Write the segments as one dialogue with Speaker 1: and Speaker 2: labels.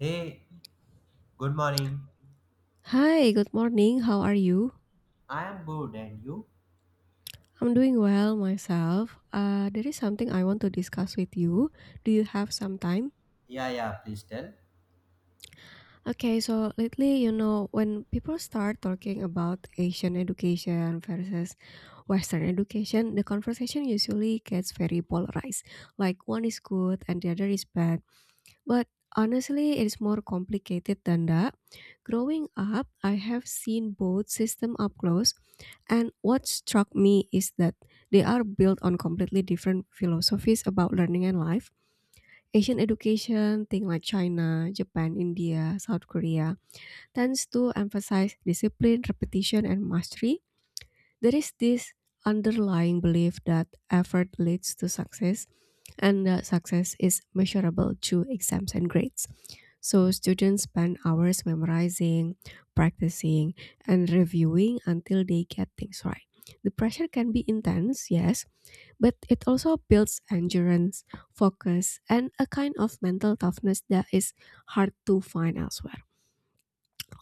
Speaker 1: Hey, good morning.
Speaker 2: Hi, good morning. How are you?
Speaker 1: I am good, and you?
Speaker 2: I'm doing well myself. There is something I want to discuss with you. Do you have some time?
Speaker 1: Yeah, yeah, please tell.
Speaker 2: Okay, so lately, you know, when people start talking about Asian education versus Western education, the conversation usually gets very polarized. Like one is good and the other is bad. But honestly, it's more complicated than that. Growing up, I have seen both system up close. And what struck me is that they are built on completely different philosophies about learning and life. Asian education, things like China, Japan, India, South Korea, tends to emphasize discipline, repetition, and mastery. There is this underlying belief that effort leads to success and that success is measurable through exams and grades. So students spend hours memorizing, practicing, and reviewing until they get things right. The pressure can be intense, yes, but it also builds endurance, focus, and a kind of mental toughness that is hard to find elsewhere.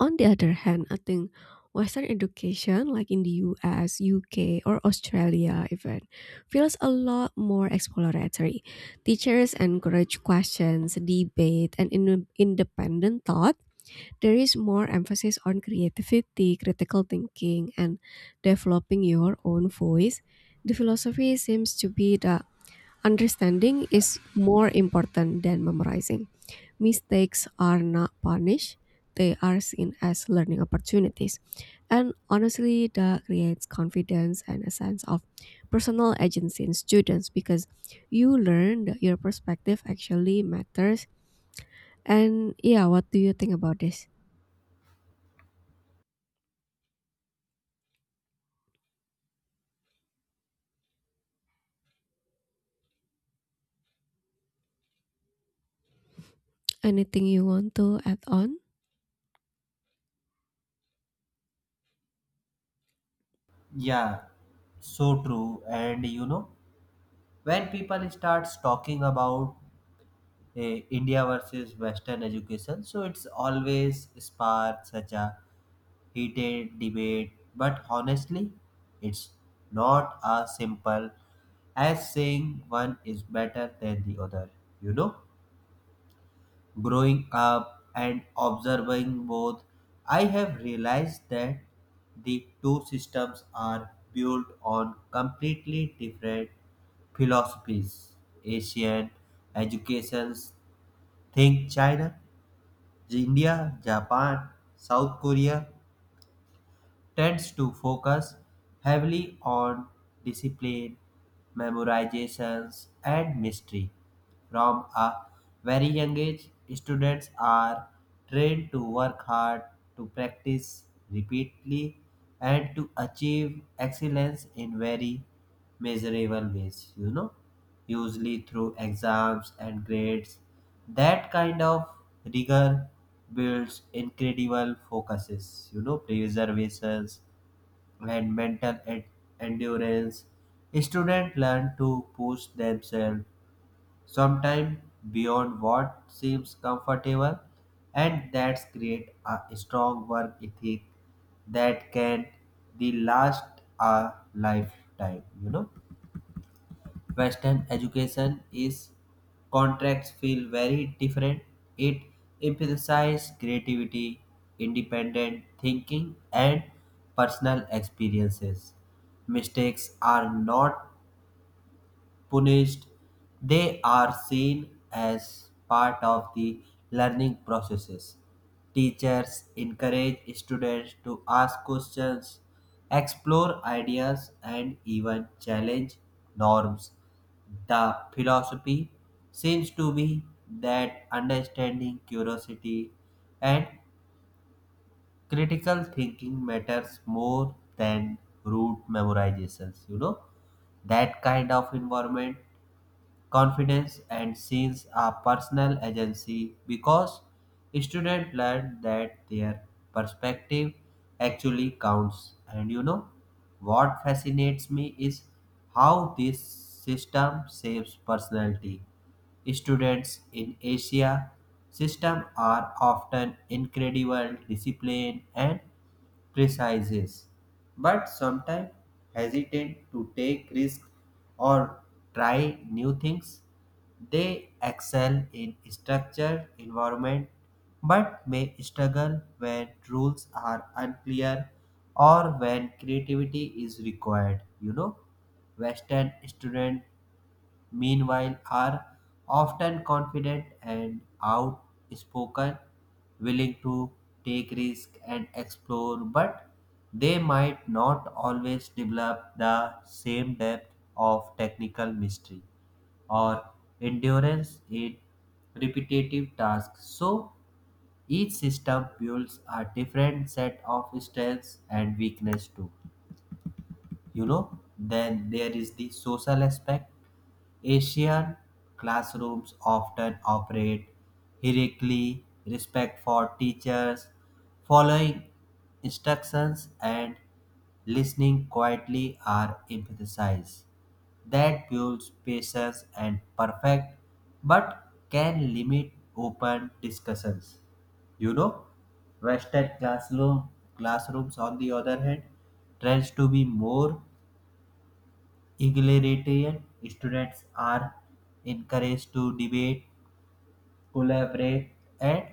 Speaker 2: On the other hand, I think Western education, like in the US, UK, or Australia, even, feels a lot more exploratory. Teachers encourage questions, debate, and independent thought. There is more emphasis on creativity, critical thinking, and developing your own voice. The philosophy seems to be that understanding is more important than memorizing. Mistakes are not punished, they are seen as learning opportunities. And honestly, that creates confidence and a sense of personal agency in students because you learn that your perspective actually matters. And yeah, what do you think about this? Anything you want to add on?
Speaker 1: Yeah, so true. And you know, when people starts talking about India versus Western education, so it's always sparks such a heated debate. But honestly, it's not as simple as saying one is better than the other, you know? Growing up and observing both, I have realized that the two systems are built on completely different philosophies. Asian educations, think China, India, Japan, South Korea, tends to focus heavily on discipline, memorizations, and mystery. From a very young age, students are trained to work hard, to practice repeatedly, and to achieve excellence in very measurable ways, you know, usually through exams and grades. That kind of rigor builds incredible focuses, you know, preservations and mental endurance. Students learn to push themselves sometimes beyond what seems comfortable, and that's create a strong work ethic that can the last a lifetime, you know. Western education is contracts feel very different. It emphasizes creativity, independent thinking, and personal experiences. Mistakes are not punished, they are seen as part of the learning processes. Teachers encourage students to ask questions, explore ideas, and even challenge norms. The philosophy seems to be that understanding curiosity and critical thinking matters more than rote memorizations, you know. That kind of environment confidence and sales a personal agency because students learn that their perspective actually counts. And you know what fascinates me is how this system saves personality. Students in Asia system are often incredible disciplined and precise, but sometimes hesitant to take risks or try new things. They excel in structured environment but may struggle when rules are unclear or when creativity is required. You know, Western student meanwhile, are often confident and outspoken, willing to take risks and explore, but they might not always develop the same depth of technical mystery or endurance in repetitive tasks. So, each system builds a different set of strengths and weaknesses too, you know. Then there is the social aspect. Asian classrooms often operate hierarchically, respect for teachers, following instructions, and listening quietly are emphasized. That builds patience and perfect, but can limit open discussions, you know. Western classrooms on the other hand tends to be more Egalitarian. Students are encouraged to debate, collaborate, and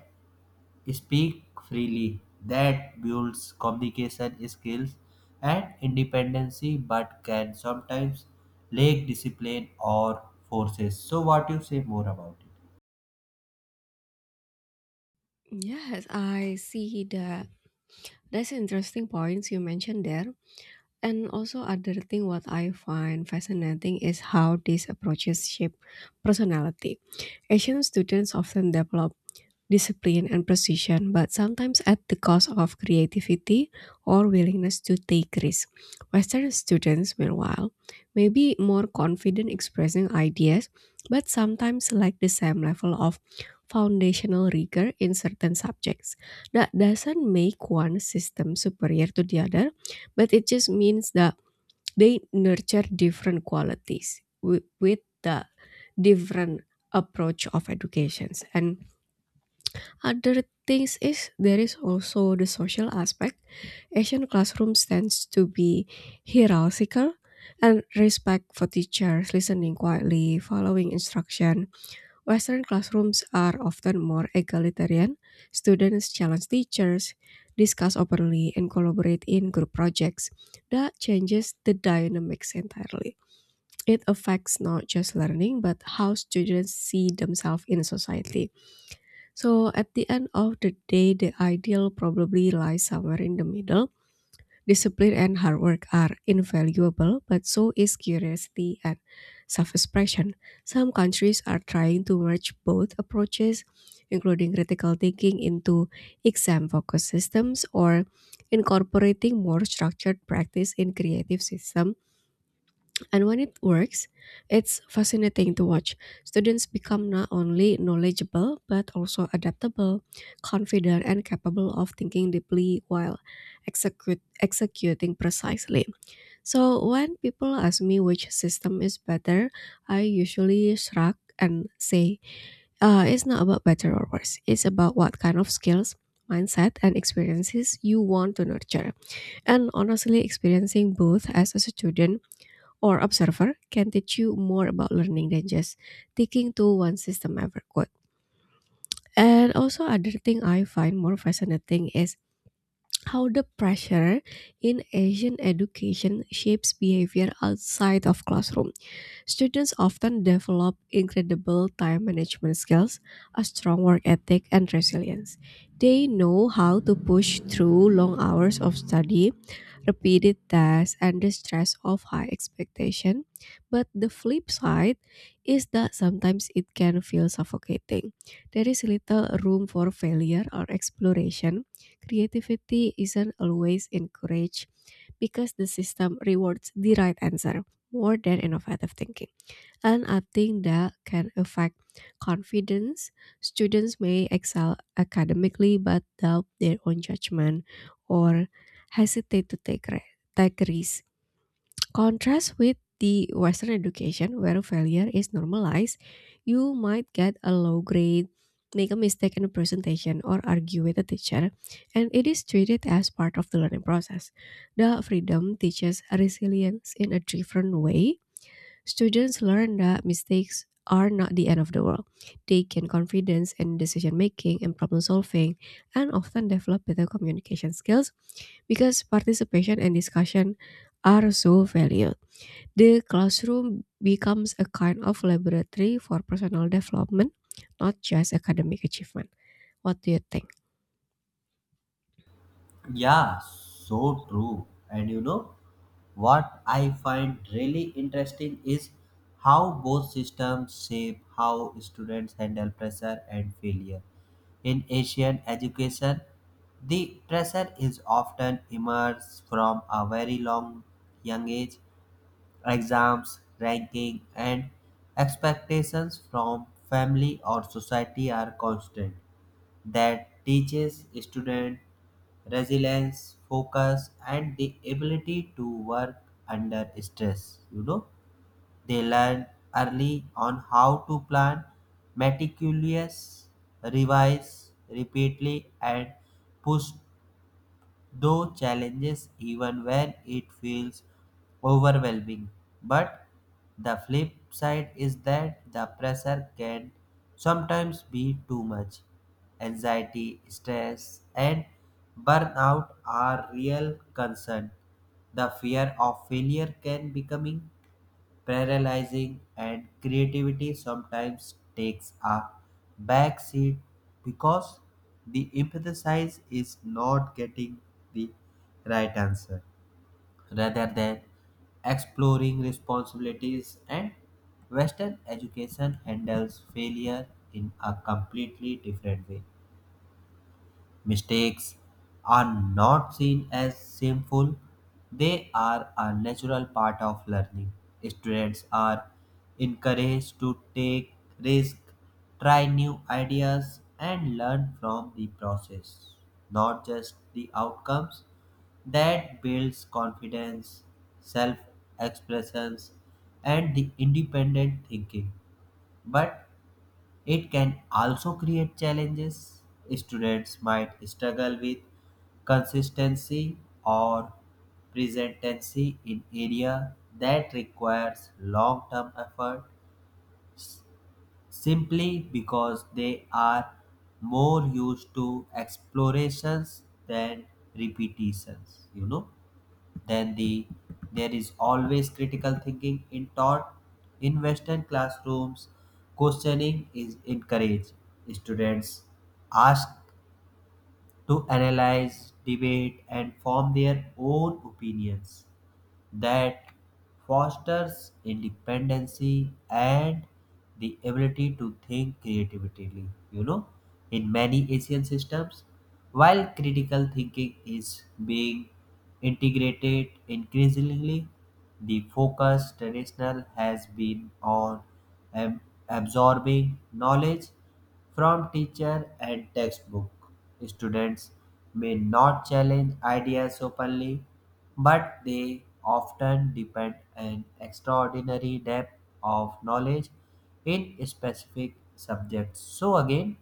Speaker 1: speak freely. That builds communication skills and independence, but can sometimes lack discipline or forces. So, what you say more about it?
Speaker 2: Yes, I see that. That's interesting points you mentioned there. And also other thing what I find fascinating is how these approaches shape personality. Asian students often develop discipline and precision, but sometimes at the cost of creativity or willingness to take risks. Western students, meanwhile, may be more confident expressing ideas, but sometimes lack the same level of foundational rigor in certain subjects. That doesn't make one system superior to the other, but it just means that they nurture different qualities with the different approach of educations. And other things is there is also the social aspect. Asian classrooms tends to be hierarchical and respect for teachers listening quietly following instruction. Western classrooms are often more egalitarian. Students challenge teachers, discuss openly, and collaborate in group projects. That changes the dynamics entirely. It affects not just learning, but how students see themselves in society. So, at the end of the day, the ideal probably lies somewhere in the middle. Discipline and hard work are invaluable, but so is curiosity and self expression. Some countries are trying to merge both approaches, including critical thinking into exam focused systems or incorporating more structured practice in creative systems, and when it works, it's fascinating to watch. Students become not only knowledgeable, but also adaptable, confident, and capable of thinking deeply while executing precisely. So, when people ask me which system is better, I usually shrug and say, it's not about better or worse, it's about what kind of skills. Mindset and experiences you want to nurture. And honestly, experiencing both as a student or observer can teach you more about learning than just sticking to one system ever could. And also other thing I find more fascinating is how the pressure in Asian education shapes behavior outside of classroom. Students often develop incredible time management skills, a strong work ethic, and resilience. They know how to push through long hours of study, repeated tests, and the stress of high expectation. But the flip side is that sometimes it can feel suffocating. There is little room for failure or exploration. Creativity isn't always encouraged because the system rewards the right answer more than innovative thinking, and I think that can affect confidence. Students may excel academically but doubt their own judgment or hesitate to take, take risks. Contrast with the Western education, where failure is normalized, you might get a low grade, make a mistake in a presentation, or argue with a teacher, and it is treated as part of the learning process. The freedom teaches resilience in a different way. Students learn that mistakes are not the end of the world. They gain confidence in decision making and problem solving, and often develop better communication skills because participation and discussion are so valued. The classroom becomes a kind of laboratory for personal development, not just academic achievement. What do you think?
Speaker 1: Yeah, so true. And you know, what I find really interesting is how both systems shape how students handle pressure and failure. In Asian education, the pressure is often emerged from a very long young age. Exams, ranking, and expectations from family or society are constant. That teaches student resilience, focus, and the ability to work under stress. You know, they learn early on how to plan, meticulous, revise repeatedly, and push though challenges even when it feels overwhelming. But the flip side is that the pressure can sometimes be too much. Anxiety, stress, and burnout are real concern. The fear of failure can becoming paralyzing, and creativity sometimes takes a back seat because the emphasis is not getting the right answer rather than exploring responsibilities. And western education handles failure in a completely different way. Mistakes are not seen as shameful, they are a natural part of learning. Students are encouraged to take risks, try new ideas, and learn from the process, not just the outcomes. That builds confidence, self expressions, and the independent thinking. But it can also create challenges. Students might struggle with consistency or presentancy in area that requires long-term effort simply because they are more used to explorations than repetitions, you know. Then the There is always critical thinking in taught in Western classrooms. Questioning is encouraged. Students ask to analyze, debate, and form their own opinions. That fosters independency and the ability to think creatively, you know. In many Asian systems, while critical thinking is being integrated increasingly, the focus traditional has been on ab- absorbing knowledge from teacher and textbook. Students may not challenge ideas openly, but they often depend an extraordinary depth of knowledge in specific subjects. So again,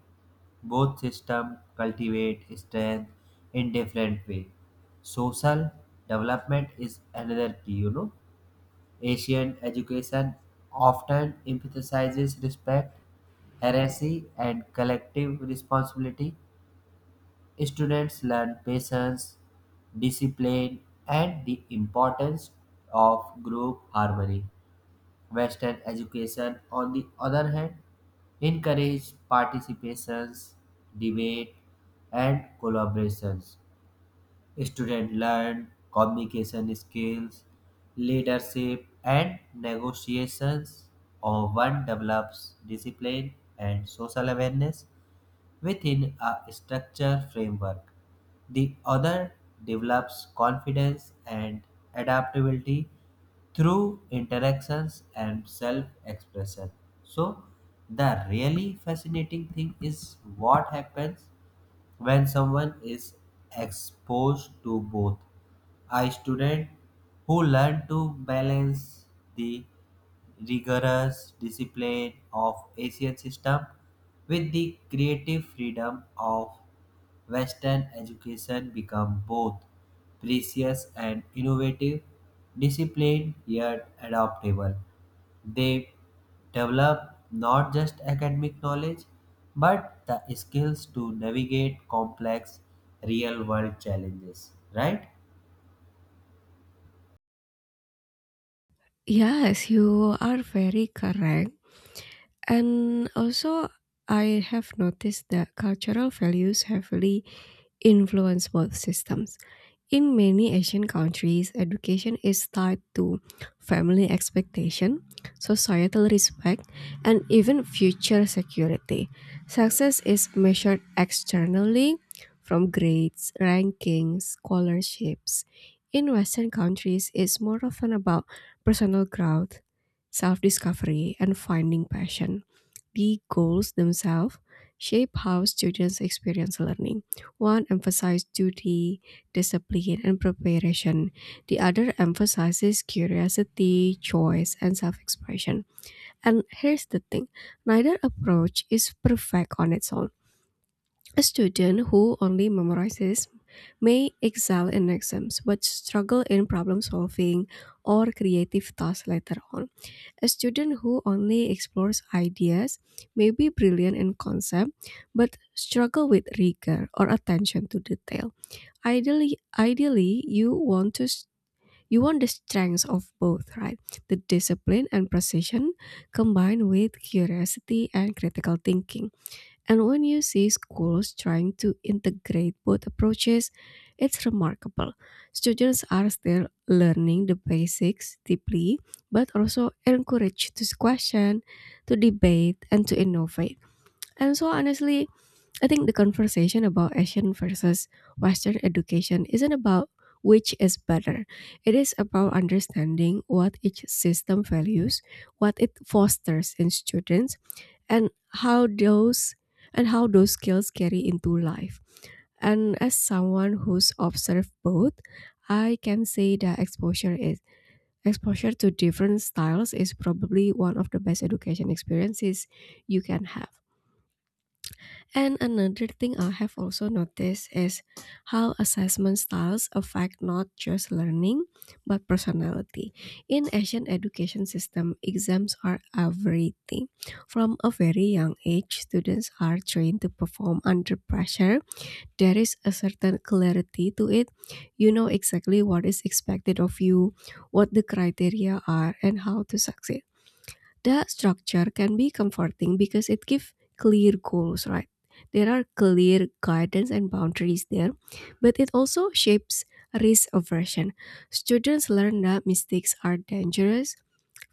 Speaker 1: both systems cultivate strength in different way. Social development is another key, you know. Asian education often emphasizes respect, heresy, and collective responsibility. Students learn patience, discipline, and the importance of group harmony. Western education, on the other hand, encourages participations, debate, and collaborations. Students learn communication skills, leadership, and negotiations. Or one develops discipline and social awareness within a structure framework. The other develops confidence and adaptability through interactions and self expression. So, the really fascinating thing is what happens when someone is exposed to both. A student who learned to balance the rigorous discipline of Asian system with the creative freedom of Western education become both precious and innovative, disciplined yet adaptable. They develop not just academic knowledge but the skills to navigate complex real world challenges, right?
Speaker 2: Yes, you are very correct. And also, I have noticed that cultural values heavily influence work systems. In many Asian countries, education is tied to family expectation, societal respect, and even future security. Success is measured externally from grades, rankings, scholarships. In Western countries, it's more often about personal growth, self discovery, and finding passion. The goals themselves shape how students experience learning. One emphasizes duty, discipline, and preparation. The other emphasizes curiosity, choice, and self expression. And here's the thing: neither approach is perfect on its own. A student who only memorizes may excel in exams but struggle in problem solving or creative tasks later on. A student who only explores ideas may be brilliant in concept but struggle with rigor or attention to detail. Ideally, you want the strengths of both, right? The discipline and precision combined with curiosity and critical thinking. And when you see schools trying to integrate both approaches, it's remarkable. Students are still learning the basics deeply, but also encouraged to question, to debate, and to innovate. And so, honestly, I think the conversation about Asian versus Western education isn't about which is better. It is about understanding what each system values, what it fosters in students, and how those how those skills carry into life. And as someone who's observed both, I can say that exposure to different styles is probably one of the best education experiences you can have. And another thing I have also noticed is how assessment styles affect not just learning but personality. In Asian education system, exams are everything. From a very young age, students are trained to perform under pressure. There is a certain clarity to it. You know exactly what is expected of you, what the criteria are, and how to succeed. That structure can be comforting because it gives clear goals, right? There are clear guidance and boundaries there, but it also shapes risk aversion. Students learn that mistakes are dangerous,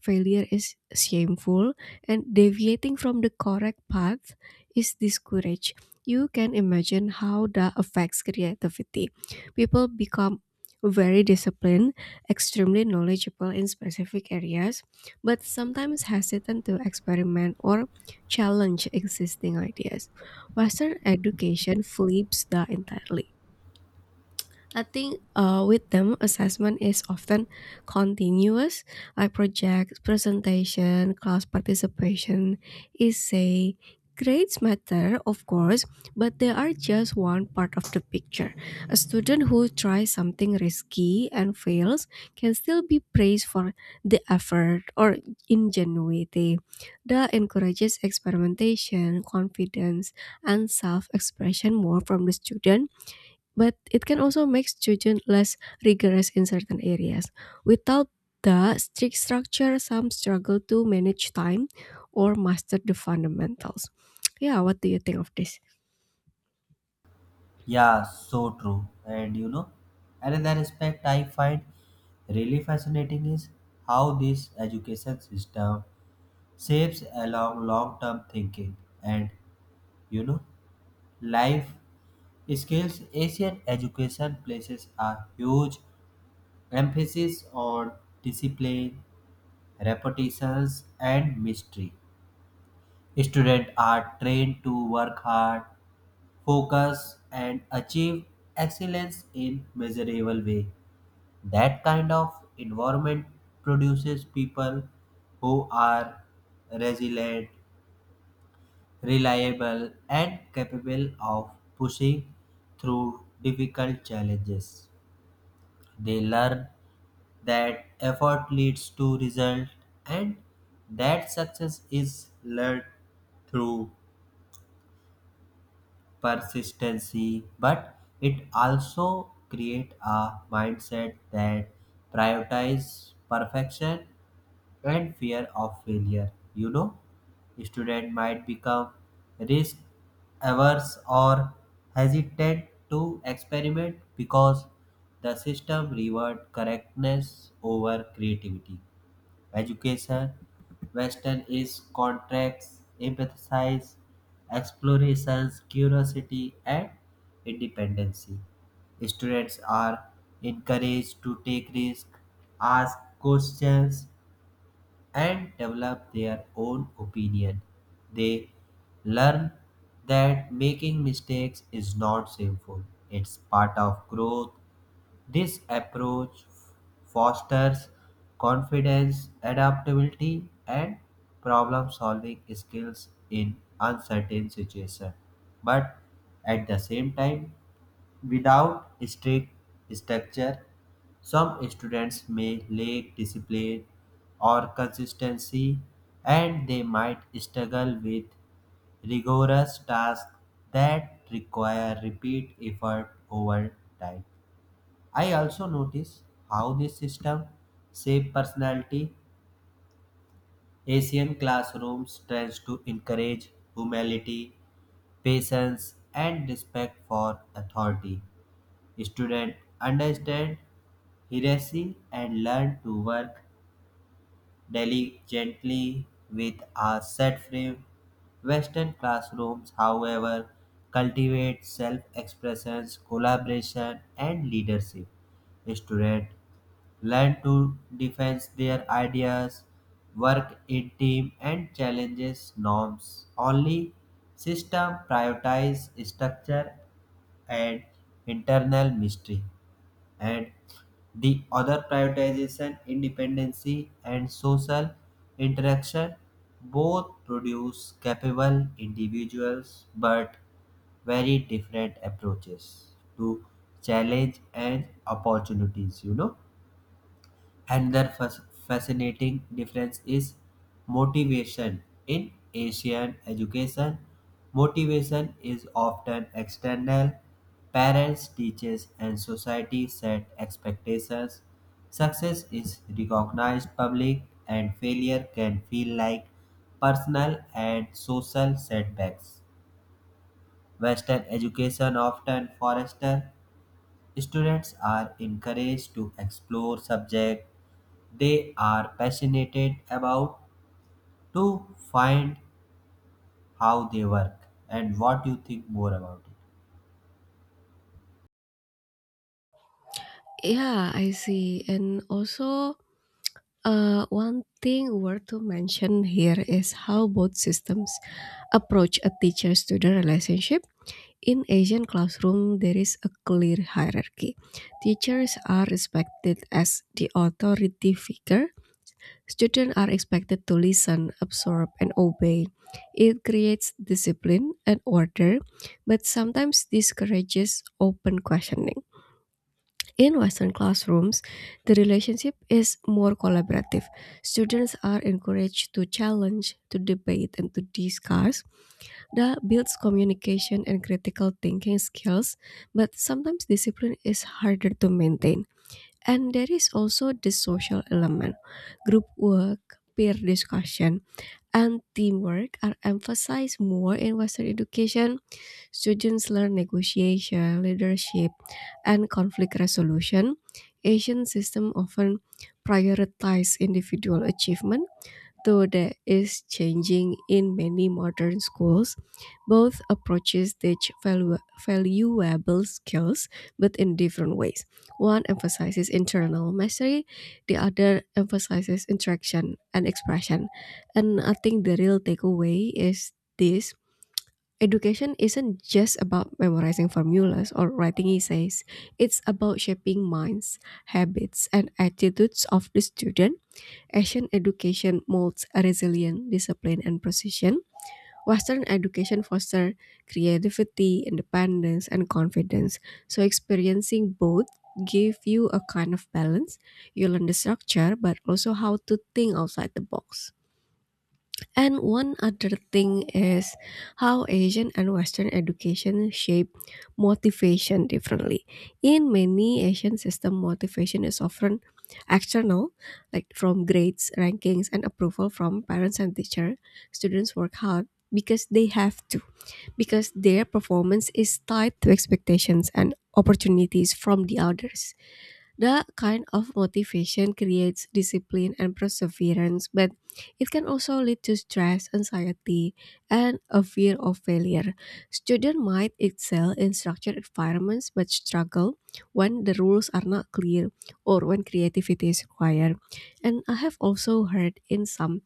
Speaker 2: failure is shameful, and deviating from the correct path is discouraged. You can imagine how that affects creativity. People become very disciplined, extremely knowledgeable in specific areas, but sometimes hesitant to experiment or challenge existing ideas. Western education flips that entirely. I think with them, assessment is often continuous, like projects, presentation, class participation, essay. Grades matter, of course, but they are just one part of the picture. A student who tries something risky and fails can still be praised for the effort or ingenuity. That encourages experimentation, confidence, and self expression more from the student, but it can also make children less rigorous in certain areas. Without the strict structure, some struggle to manage time or master the fundamentals. Yeah, what do you think of this?
Speaker 1: Yeah, so true. And you know, another aspect I find really fascinating is how this education system shapes along long term thinking and, you know, life skills. Asian education places a huge emphasis on discipline, repetitions, and mystery. Students are trained to work hard, focus, and achieve excellence in measurable way. That kind of environment produces people who are resilient, reliable, and capable of pushing through difficult challenges. They learn that effort leads to result and that success is learned through persistency. But it also create a mindset that prioritize perfection and fear of failure, you know. Student might become risk averse or hesitant to experiment because the system reward correctness over creativity education. Western is contracts, empathize, explorations, curiosity, and independency. Students are encouraged to take risks, ask questions, and develop their own opinion. They learn that making mistakes is not sinful, it's part of growth. This approach fosters confidence, adaptability, and problem-solving skills in uncertain situations, but at the same time, without strict structure, some students may lack discipline or consistency, and they might struggle with rigorous tasks that require repeat effort over time. I also notice how this system shape personality. Asian classrooms tends to encourage humility, patience, and respect for authority. Students understand hierarchy and learn to work diligently with a set frame. Western classrooms, however, cultivate self-expression, collaboration, and leadership. Students learn to defense their ideas, work in team and challenges norms. Only system prioritize structure and internal mystery, and the other prioritization independency and social interaction. Both produce capable individuals but very different approaches to challenge and opportunities, you know. Another fascinating difference is motivation. In Asian education, motivation is often external. Parents, teachers, and society set expectations. Success is recognized public, and failure can feel like personal and social setbacks. Western education often fosters. Students are encouraged to explore subjects they are passionate about, to find how they work. And what you think more about it?
Speaker 2: Yeah, I see. And also, one thing worth to mention here is how both systems approach a teacher-student relationship. In Asian classroom, there is a clear hierarchy. Teachers are respected as the authority figure. Students are expected to listen, absorb, and obey. It creates discipline and order, but sometimes discourages open questioning. In Western classrooms, the relationship is more collaborative. Students are encouraged to challenge, to debate, and to discuss. That builds communication and critical thinking skills, but sometimes discipline is harder to maintain. And there is also the social element, group work, peer discussion, and teamwork are emphasized more in Western education. Students learn negotiation, leadership, and conflict resolution. Asian systems often prioritize individual achievement, though that is changing in many modern schools. Both approaches teach valuable skills, but in different ways. One emphasizes internal mastery, the other emphasizes interaction and expression. And I think the real takeaway is this. Education isn't just about memorizing formulas or writing essays. It's about shaping minds, habits, and attitudes of the student. Asian education molds resilience, discipline, and precision. Western education fosters creativity, independence, and confidence. So, experiencing both give you a kind of balance. You learn the structure, but also how to think outside the box. And one other thing is how Asian and Western education shape motivation differently. In many Asian system, motivation is often external, like from grades, rankings, and approval from parents and teacher. Students work hard because they have to, because their performance is tied to expectations and opportunities from the others. That kind of motivation creates discipline and perseverance, but it can also lead to stress, anxiety, and a fear of failure. Students might excel in structured environments but struggle when the rules are not clear or when creativity is required. And I have also heard in some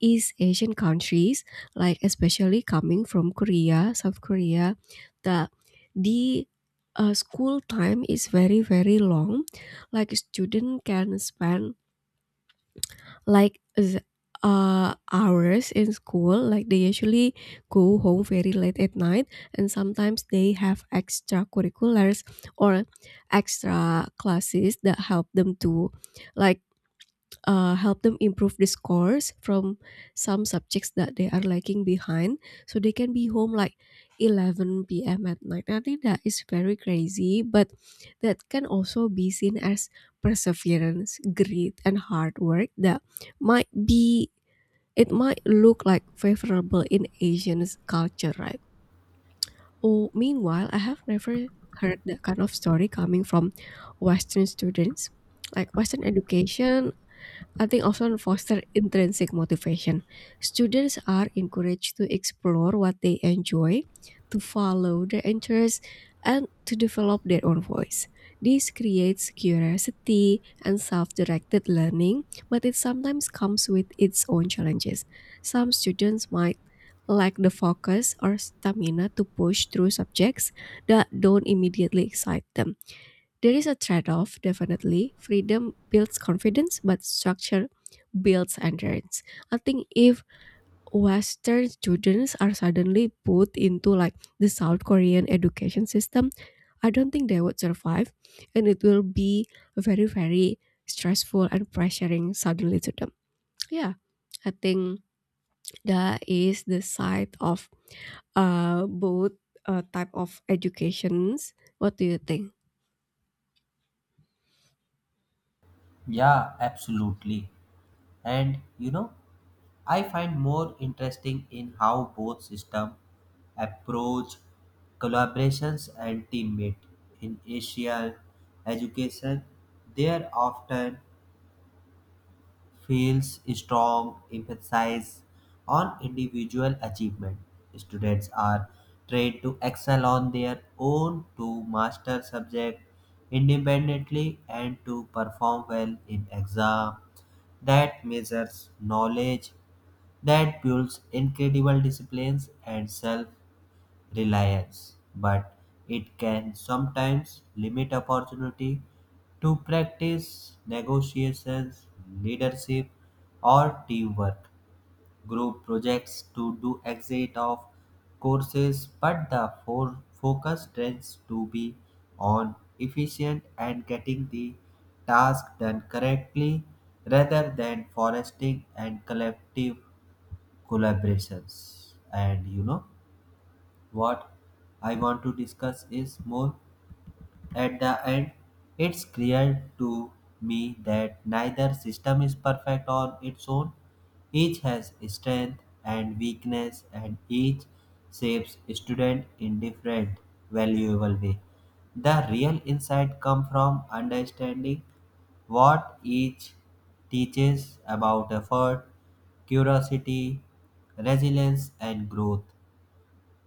Speaker 2: East Asian countries, like especially coming from Korea, South Korea, the the school time is very very long. Like student can spend like th- hours in school. Like they usually go home very late at night, and sometimes they have extracurriculars or extra classes that help them to like help them improve the scores from some subjects that they are lagging behind, so they can be home like 11 p.m at night. I think that is very crazy, but that can also be seen as perseverance, grit, and hard work that might be, it might look like favorable in Asian culture, right? Oh meanwhile, I have never heard that kind of story coming from Western students. Like Western education, I think often foster intrinsic motivation. Students are encouraged to explore what they enjoy, to follow their interests, and to develop their own voice. This creates curiosity and self directed learning, but it sometimes comes with its own challenges. Some students might lack the focus or stamina to push through subjects that don't immediately excite them. There is a trade off, definitely. Freedom builds confidence, but structure builds endurance. I think if Western students are suddenly put into like the South Korean education system, I don't think they would survive, and it will be very, very stressful and pressuring suddenly to them. Yeah, I think that is the side of both type of educations. What do you think?
Speaker 1: Yeah, absolutely. And you know, I find more interesting in how both system approach collaborations and teammate in Asian education. They are often feels strong emphasis on individual achievement. Students are trained to excel on their own, to master subject independently, and to perform well in exam that measures knowledge. That builds incredible disciplines and self reliance, but it can sometimes limit opportunity to practice negotiations, leadership, or teamwork. Group projects to do exit of courses, but the focus tends to be on efficient and getting the task done correctly rather than foresting and collective collaborations. And you know, what I want to discuss is more. At the end, it's clear to me that neither system is perfect on its own. Each has strength and weakness, and each shapes student in different valuable way. The real insight come from understanding what each teaches about effort, curiosity, resilience, and growth.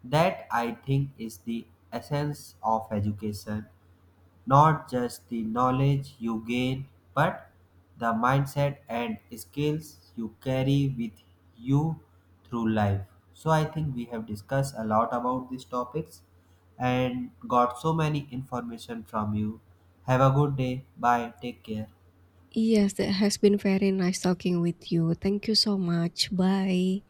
Speaker 1: That I think is the essence of education, not just the knowledge you gain, but the mindset and skills you carry with you through life. So I think we have discussed a lot about these topics and got so many information from you. Have a good day. Bye. Take care.
Speaker 2: Yes, that has been very nice talking with you. Thank you so much. Bye.